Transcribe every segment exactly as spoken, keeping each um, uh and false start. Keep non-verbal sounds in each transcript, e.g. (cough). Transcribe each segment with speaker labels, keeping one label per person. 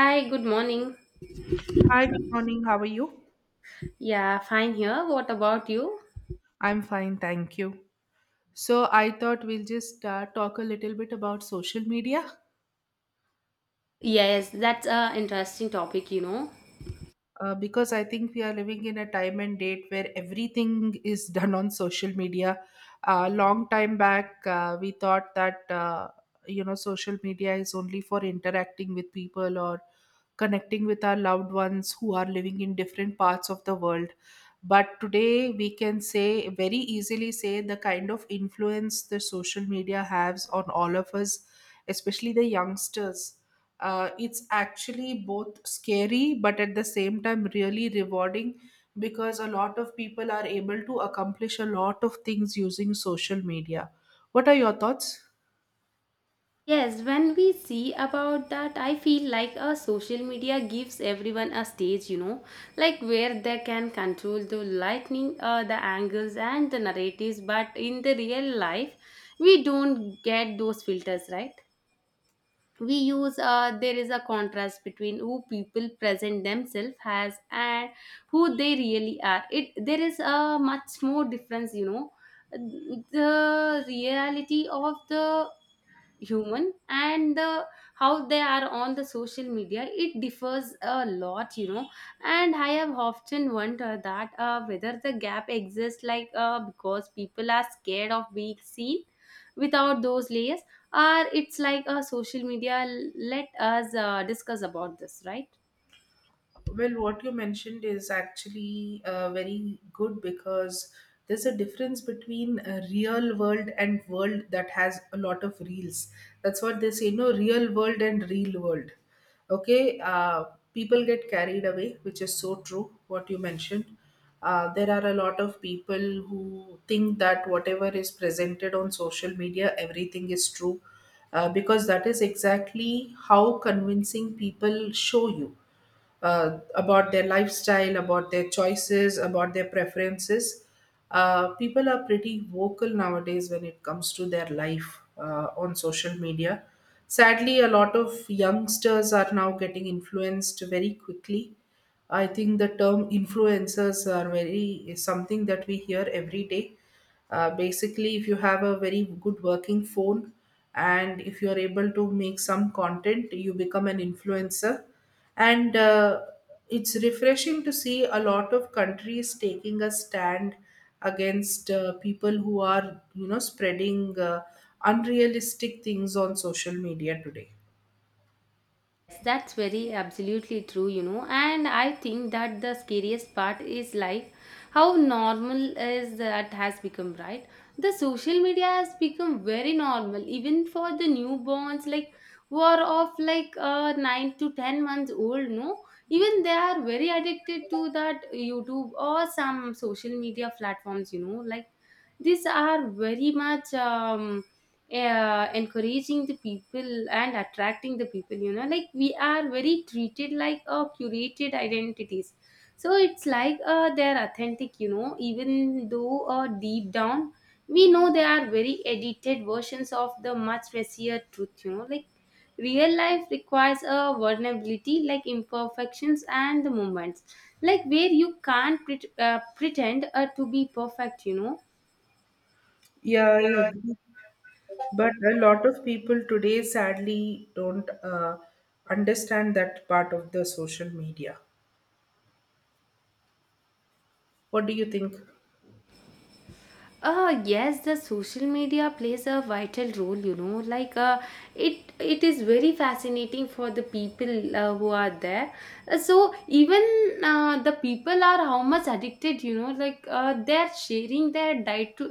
Speaker 1: Hi, good morning.
Speaker 2: Hi, good morning. How are you?
Speaker 1: Yeah, fine here. What about you?
Speaker 2: I'm fine, thank you. So, I thought we'll just uh, talk a little bit about social media.
Speaker 1: Yes, that's a interesting topic, you know.
Speaker 2: Uh, because I think we are living in a time and date where everything is (laughs) done on social media. A long time back, uh, we thought that uh, you know social media is only for interacting with people or connecting with our loved ones who are living in different parts of the world. But today, we can say very easily say the kind of influence the social media has on all of us, especially the youngsters. Uh, it's actually both scary but at the same time really rewarding, because a lot of people are able to accomplish a lot of things using social media. What are your thoughts?
Speaker 1: Yes, when we see about that, I feel like a social media gives everyone a stage, you know, like where they can control the lightning, uh, the angles and the narratives, but in the real life, we don't get those filters, right? we use uh, There is a contrast between who people present themselves as and who they really are, it there is a much more difference, you know. The reality of the human and the how they are on the social media, it differs a lot, you know. And I have often wondered that uh, whether the gap exists, like uh, because people are scared of being seen without those layers, or it's like a social media, let us uh, discuss about this, right?
Speaker 2: Well, what you mentioned is actually uh, very good, because there's a difference between a real world and world that has a lot of reels. That's what they say, no, real world and real world. Okay. Uh, people get carried away, which is so true, what you mentioned. Uh, there are a lot of people who think that whatever is presented on social media, everything is true, uh, because that is exactly how convincing people show you uh, about their lifestyle, about their choices, about their preferences. Uh, people are pretty vocal nowadays when it comes to their life uh, on social media. Sadly, a lot of youngsters are now getting influenced very quickly. I think the term influencers are very is something that we hear every day. Uh, basically, if you have a very good working phone and if you are able to make some content, you become an influencer, and uh, it's refreshing to see a lot of countries taking a stand against uh, people who are you know spreading uh, unrealistic things on social media today.
Speaker 1: That's very absolutely true, you know. And I think that the scariest part is like how normal is that has become, right? The social media has become very normal, even for the newborns, like who are of like uh, nine to ten months old. No, even they are very addicted to that YouTube or some social media platforms. You know, like these are very much um, uh, encouraging the people and attracting the people, you know, like we are very treated like a curated identities. So it's like uh, they're authentic, you know, even though uh, deep down we know they are very edited versions of the much messier truth, you know, like real life requires a vulnerability, like imperfections and the moments like where you can't pret- uh, pretend uh, to be perfect, you know.
Speaker 2: Yeah, I agree, but a lot of people today sadly don't uh, understand that part of the social media. What do you think?
Speaker 1: Uh yes, the social media plays a vital role, you know, like uh it it is very fascinating for the people uh, who are there. Uh, so even uh, the people are how much addicted, you know, like uh, they're sharing their day to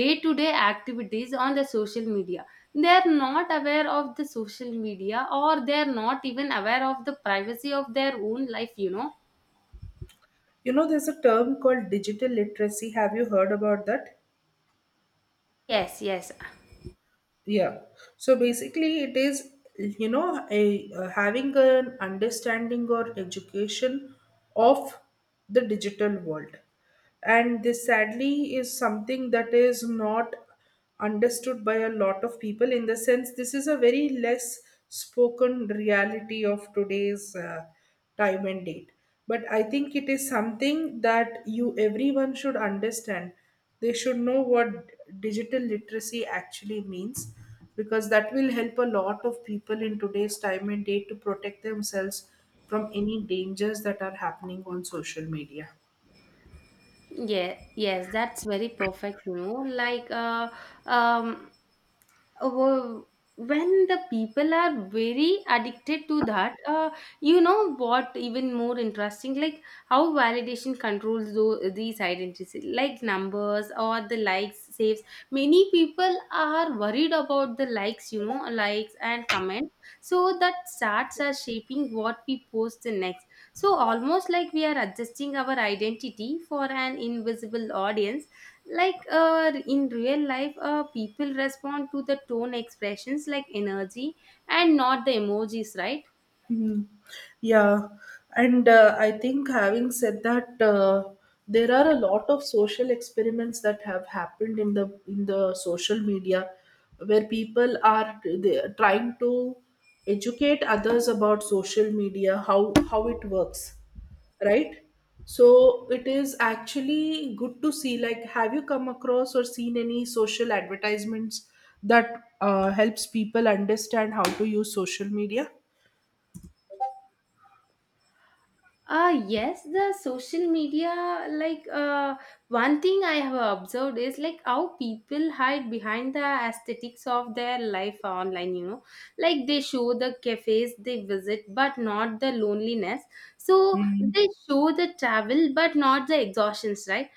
Speaker 1: day to day activities on the social media. They're not aware of the social media, or they're not even aware of the privacy of their own life, you know.
Speaker 2: You know, there's a term called digital literacy. Have you heard about that?
Speaker 1: Yes, yes.
Speaker 2: Yeah. So basically, it is, you know, a, uh, having an understanding or education of the digital world. And this sadly is something that is not understood by a lot of people. In the sense, this is a very less spoken reality of today's uh, time and date. But I think it is something that you everyone should understand. They should know what digital literacy actually means, because that will help a lot of people in today's time and date to protect themselves from any dangers that are happening on social media.
Speaker 1: Yeah, yes, that's very perfect, you know. Like uh um wo- when the people are very addicted to that, uh you know what, even more interesting, like how validation controls those these identities, like numbers or the likes, saves. Many people are worried about the likes, you know, likes and comments. So that starts are shaping what we post the next. So, almost like we are adjusting our identity for an invisible audience. Like uh, in real life, uh, people respond to the tone expressions like energy, and not the emojis, right?
Speaker 2: Hmm. Yeah, and uh, I think having said that, uh, there are a lot of social experiments that have happened in the in the social media, where people are they are trying to educate others about social media, how how it works, right? So it is actually good to see. Like, have you come across or seen any social advertisements that uh, helps people understand how to use social media?
Speaker 1: Uh yes, the social media, like uh one thing I have observed is like how people hide behind the aesthetics of their life online, you know, like they show the cafes they visit but not the loneliness, so
Speaker 2: Mm.
Speaker 1: they show the travel but not the exhaustions, right?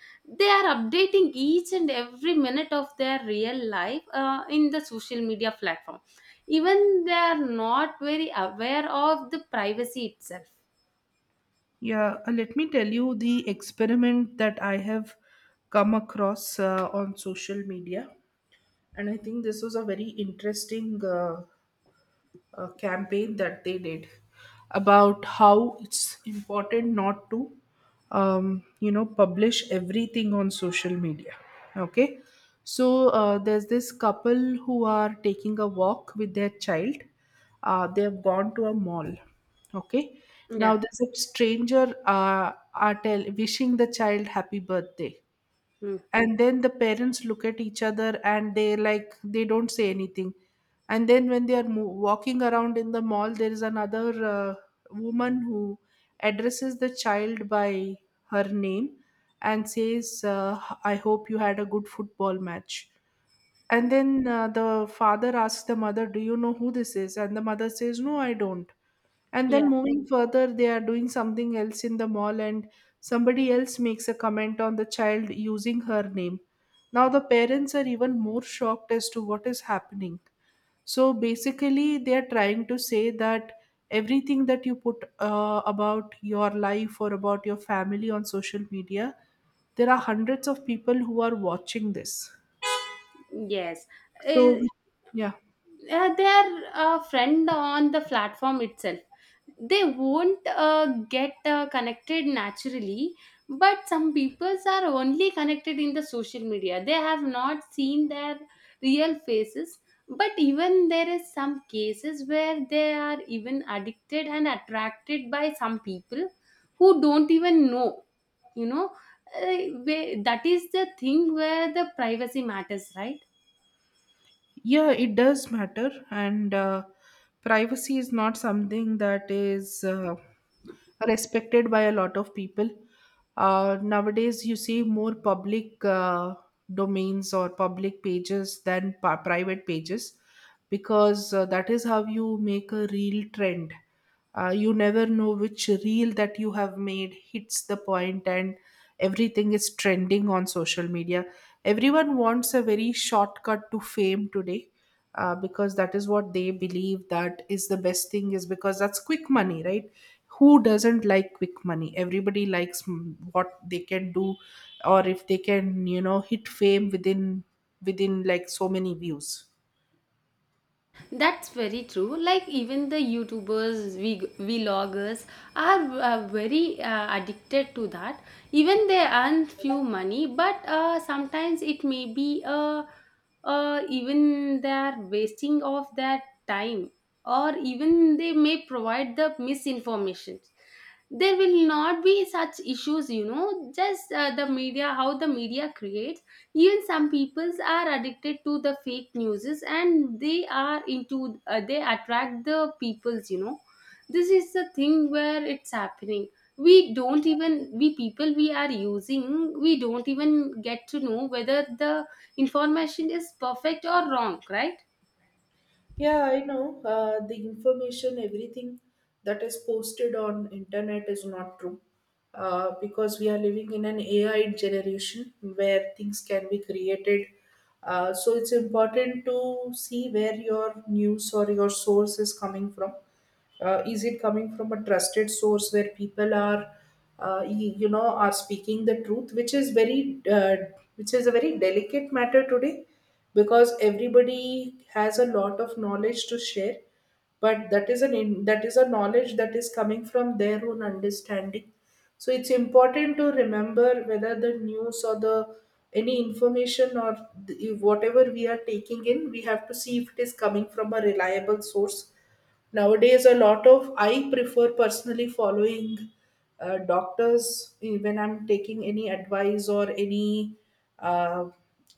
Speaker 1: They are updating each and every minute of their real life uh, in the social media platform. Even they are not very aware of the privacy itself.
Speaker 2: Yeah, uh, let me tell you the experiment that I have come across uh, on social media, and I think this was a very interesting uh, uh, campaign that they did about how it's important not to um, you know publish everything on social media. Okay. So uh, there's this couple who are taking a walk with their child. Uh, they have gone to a mall. Okay. Now
Speaker 1: Yeah.
Speaker 2: there's a stranger uh, are tell wishing the child happy birthday.
Speaker 1: Hmm.
Speaker 2: And then the parents look at each other and they like they don't say anything. And then when they are mo- walking around in the mall, there is another uh, woman who addresses the child by her name and says, uh, I hope you had a good football match. And then uh, the father asks the mother, do you know who this is? And the mother says, no, I don't. And
Speaker 1: Yeah.
Speaker 2: then moving further, they are doing something else in the mall, and somebody else makes a comment on the child using her name. Now, the parents are even more shocked as to what is happening. So, basically, they are trying to say that everything that you put uh, about your life or about your family on social media, there are hundreds of people who are watching this.
Speaker 1: Yes.
Speaker 2: so,
Speaker 1: Uh,
Speaker 2: with- yeah,
Speaker 1: uh, they're a friend on the platform itself. They won't uh, get uh, connected naturally, but some peoples are only connected in the social media. They have not seen their real faces. But even there is some cases where they are even addicted and attracted by some people who don't even know. You know, uh, where- that is the thing where the privacy matters, right?
Speaker 2: yeah, it does matter, and uh, privacy is not something that is uh, respected by a lot of people. Uh, nowadays, you see more public uh, domains or public pages than pa- private pages, because uh, that is how you make a real trend. Uh, you never know which reel that you have made hits the point, and everything is trending on social media. Everyone wants a very shortcut to fame today, uh, because that is what they believe, that is the best thing, is because that's quick money, right? Who doesn't like quick money? Everybody likes mm, what they can do, or if they can, you know, hit fame within within like so many views.
Speaker 1: That's very true. Like even the YouTubers, vlog- vloggers are uh, very uh, addicted to that. Even they earn few money, but uh, sometimes it may be uh, uh, even they are wasting of their time, or even they may provide the misinformation. There will not be such issues, you know. Just uh, the media, how the media create, even some peoples are addicted to the fake newses, and they are into uh, they attract the peoples, you know. This is the thing where it's happening. We don't even, we people we are using, we don't even get to know whether the information is perfect or wrong, right?
Speaker 2: Yeah, I know. Uh, the information, everything that is posted on internet is not true. Uh, because we are living in an A I generation where things can be created. Uh, so it's important to see where your news or your source is coming from. Uh, is it coming from a trusted source where people are, uh, y- you know, are speaking the truth, which is very, uh, which is a very delicate matter today, because everybody has a lot of knowledge to share, but that is an in, that is a knowledge that is coming from their own understanding. So it's important to remember whether the news or the any information or the, whatever we are taking in, we have to see if it is coming from a reliable source. Nowadays, a lot of I prefer personally following uh, doctors, eh, when I'm taking any advice or any uh,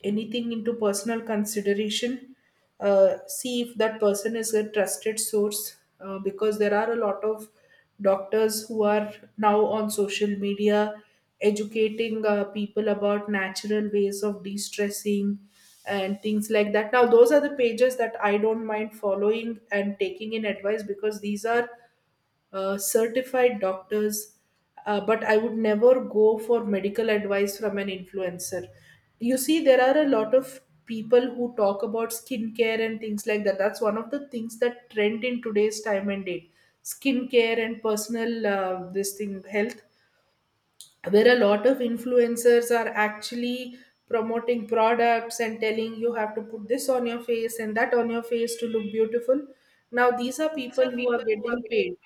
Speaker 2: anything into personal consideration. Uh, see if that person is a trusted source, uh, because there are a lot of doctors who are now on social media educating uh, people about natural ways of de-stressing and things like that. Now those are the pages that I don't mind following and taking in advice, because these are uh, certified doctors. Uh, but I would never go for medical advice from an influencer. You see, there are a lot of people who talk about skincare and things like that. That's one of the things that trend in today's time and date. Skincare and personal uh, this thing health, where a lot of influencers are actually promoting products and telling you have to put this on your face and that on your face to look beautiful. Now these are people who are getting paid.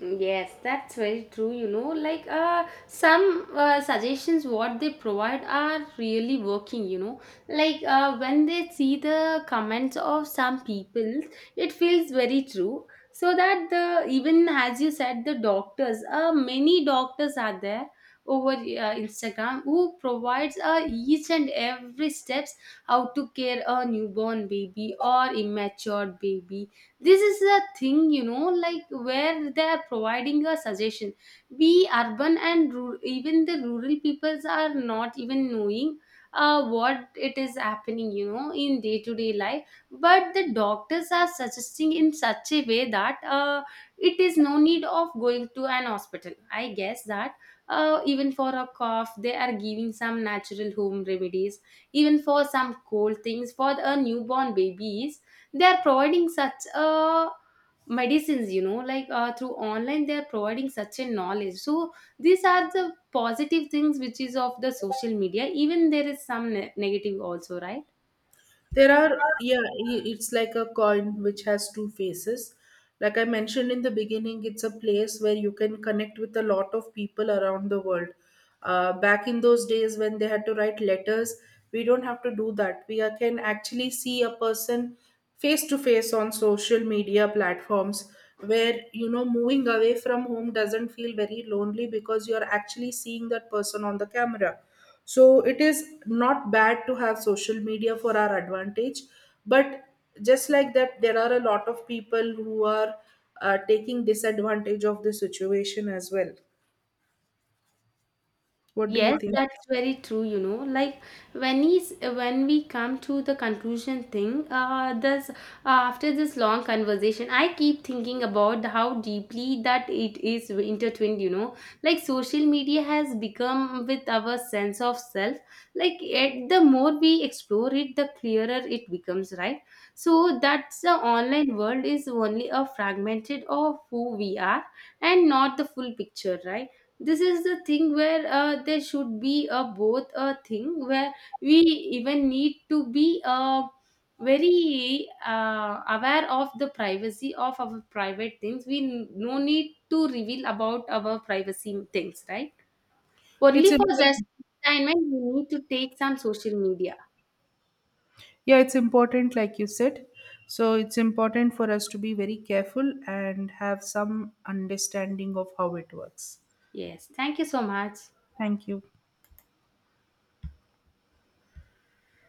Speaker 1: Yes, that's very true. You know, like uh, some uh, suggestions what they provide are really working. You know, like uh, when they see the comments of some people, it feels very true. So that the even as you said, the doctors, uh, many doctors are there over uh, Instagram who provides uh, each and every steps how to care a newborn baby or immature baby. This is the thing, you know, like where they are providing a suggestion. We urban and rural, even the rural peoples are not even knowing uh, what it is happening, you know, in day to day life. But the doctors are suggesting in such a way that uh, it is no need of going to an hospital, I guess that uh, even for a cough they are giving some natural home remedies, even for some cold things for the newborn babies. They are providing such a medicines, you know, like uh, through online they are providing such a knowledge. So these are the positive things which is of the social media, even there is some ne- negative also, right?
Speaker 2: There are, yeah, i- it's like a coin which has two faces. Like I mentioned in the beginning, it's a place where you can connect with a lot of people around the world. Uh, back in those days when they had to write letters, we don't have to do that. We are- can actually see a person face to face on social media platforms, where you know moving away from home doesn't feel very lonely because you're actually seeing that person on the camera. So it is not bad to have social media for our advantage, but just like that, there are a lot of people who are uh, taking disadvantage of the situation as well. What do you
Speaker 1: Yes,
Speaker 2: think?
Speaker 1: that's very true, you know. Like when he's when we come to the conclusion thing, uh this uh, after this long conversation, I keep thinking about how deeply that it is intertwined, you know. Like social media has become with our sense of self. Like it, the more we explore it, the clearer it becomes, right? So that's the online world is only a fragmented of who we are and not the full picture, right? This is the thing where uh, there should be a both a thing where we even need to be uh, very uh, aware of the privacy of our private things. We n- no need to reveal about our privacy things, right?
Speaker 2: It's
Speaker 1: Only for just
Speaker 2: important.
Speaker 1: entertainment we need to take some social media.
Speaker 2: Yeah, it's important, like you said. So it's important for us to be very careful and have some understanding of how it works.
Speaker 1: Yes, thank you so much.
Speaker 2: Thank you.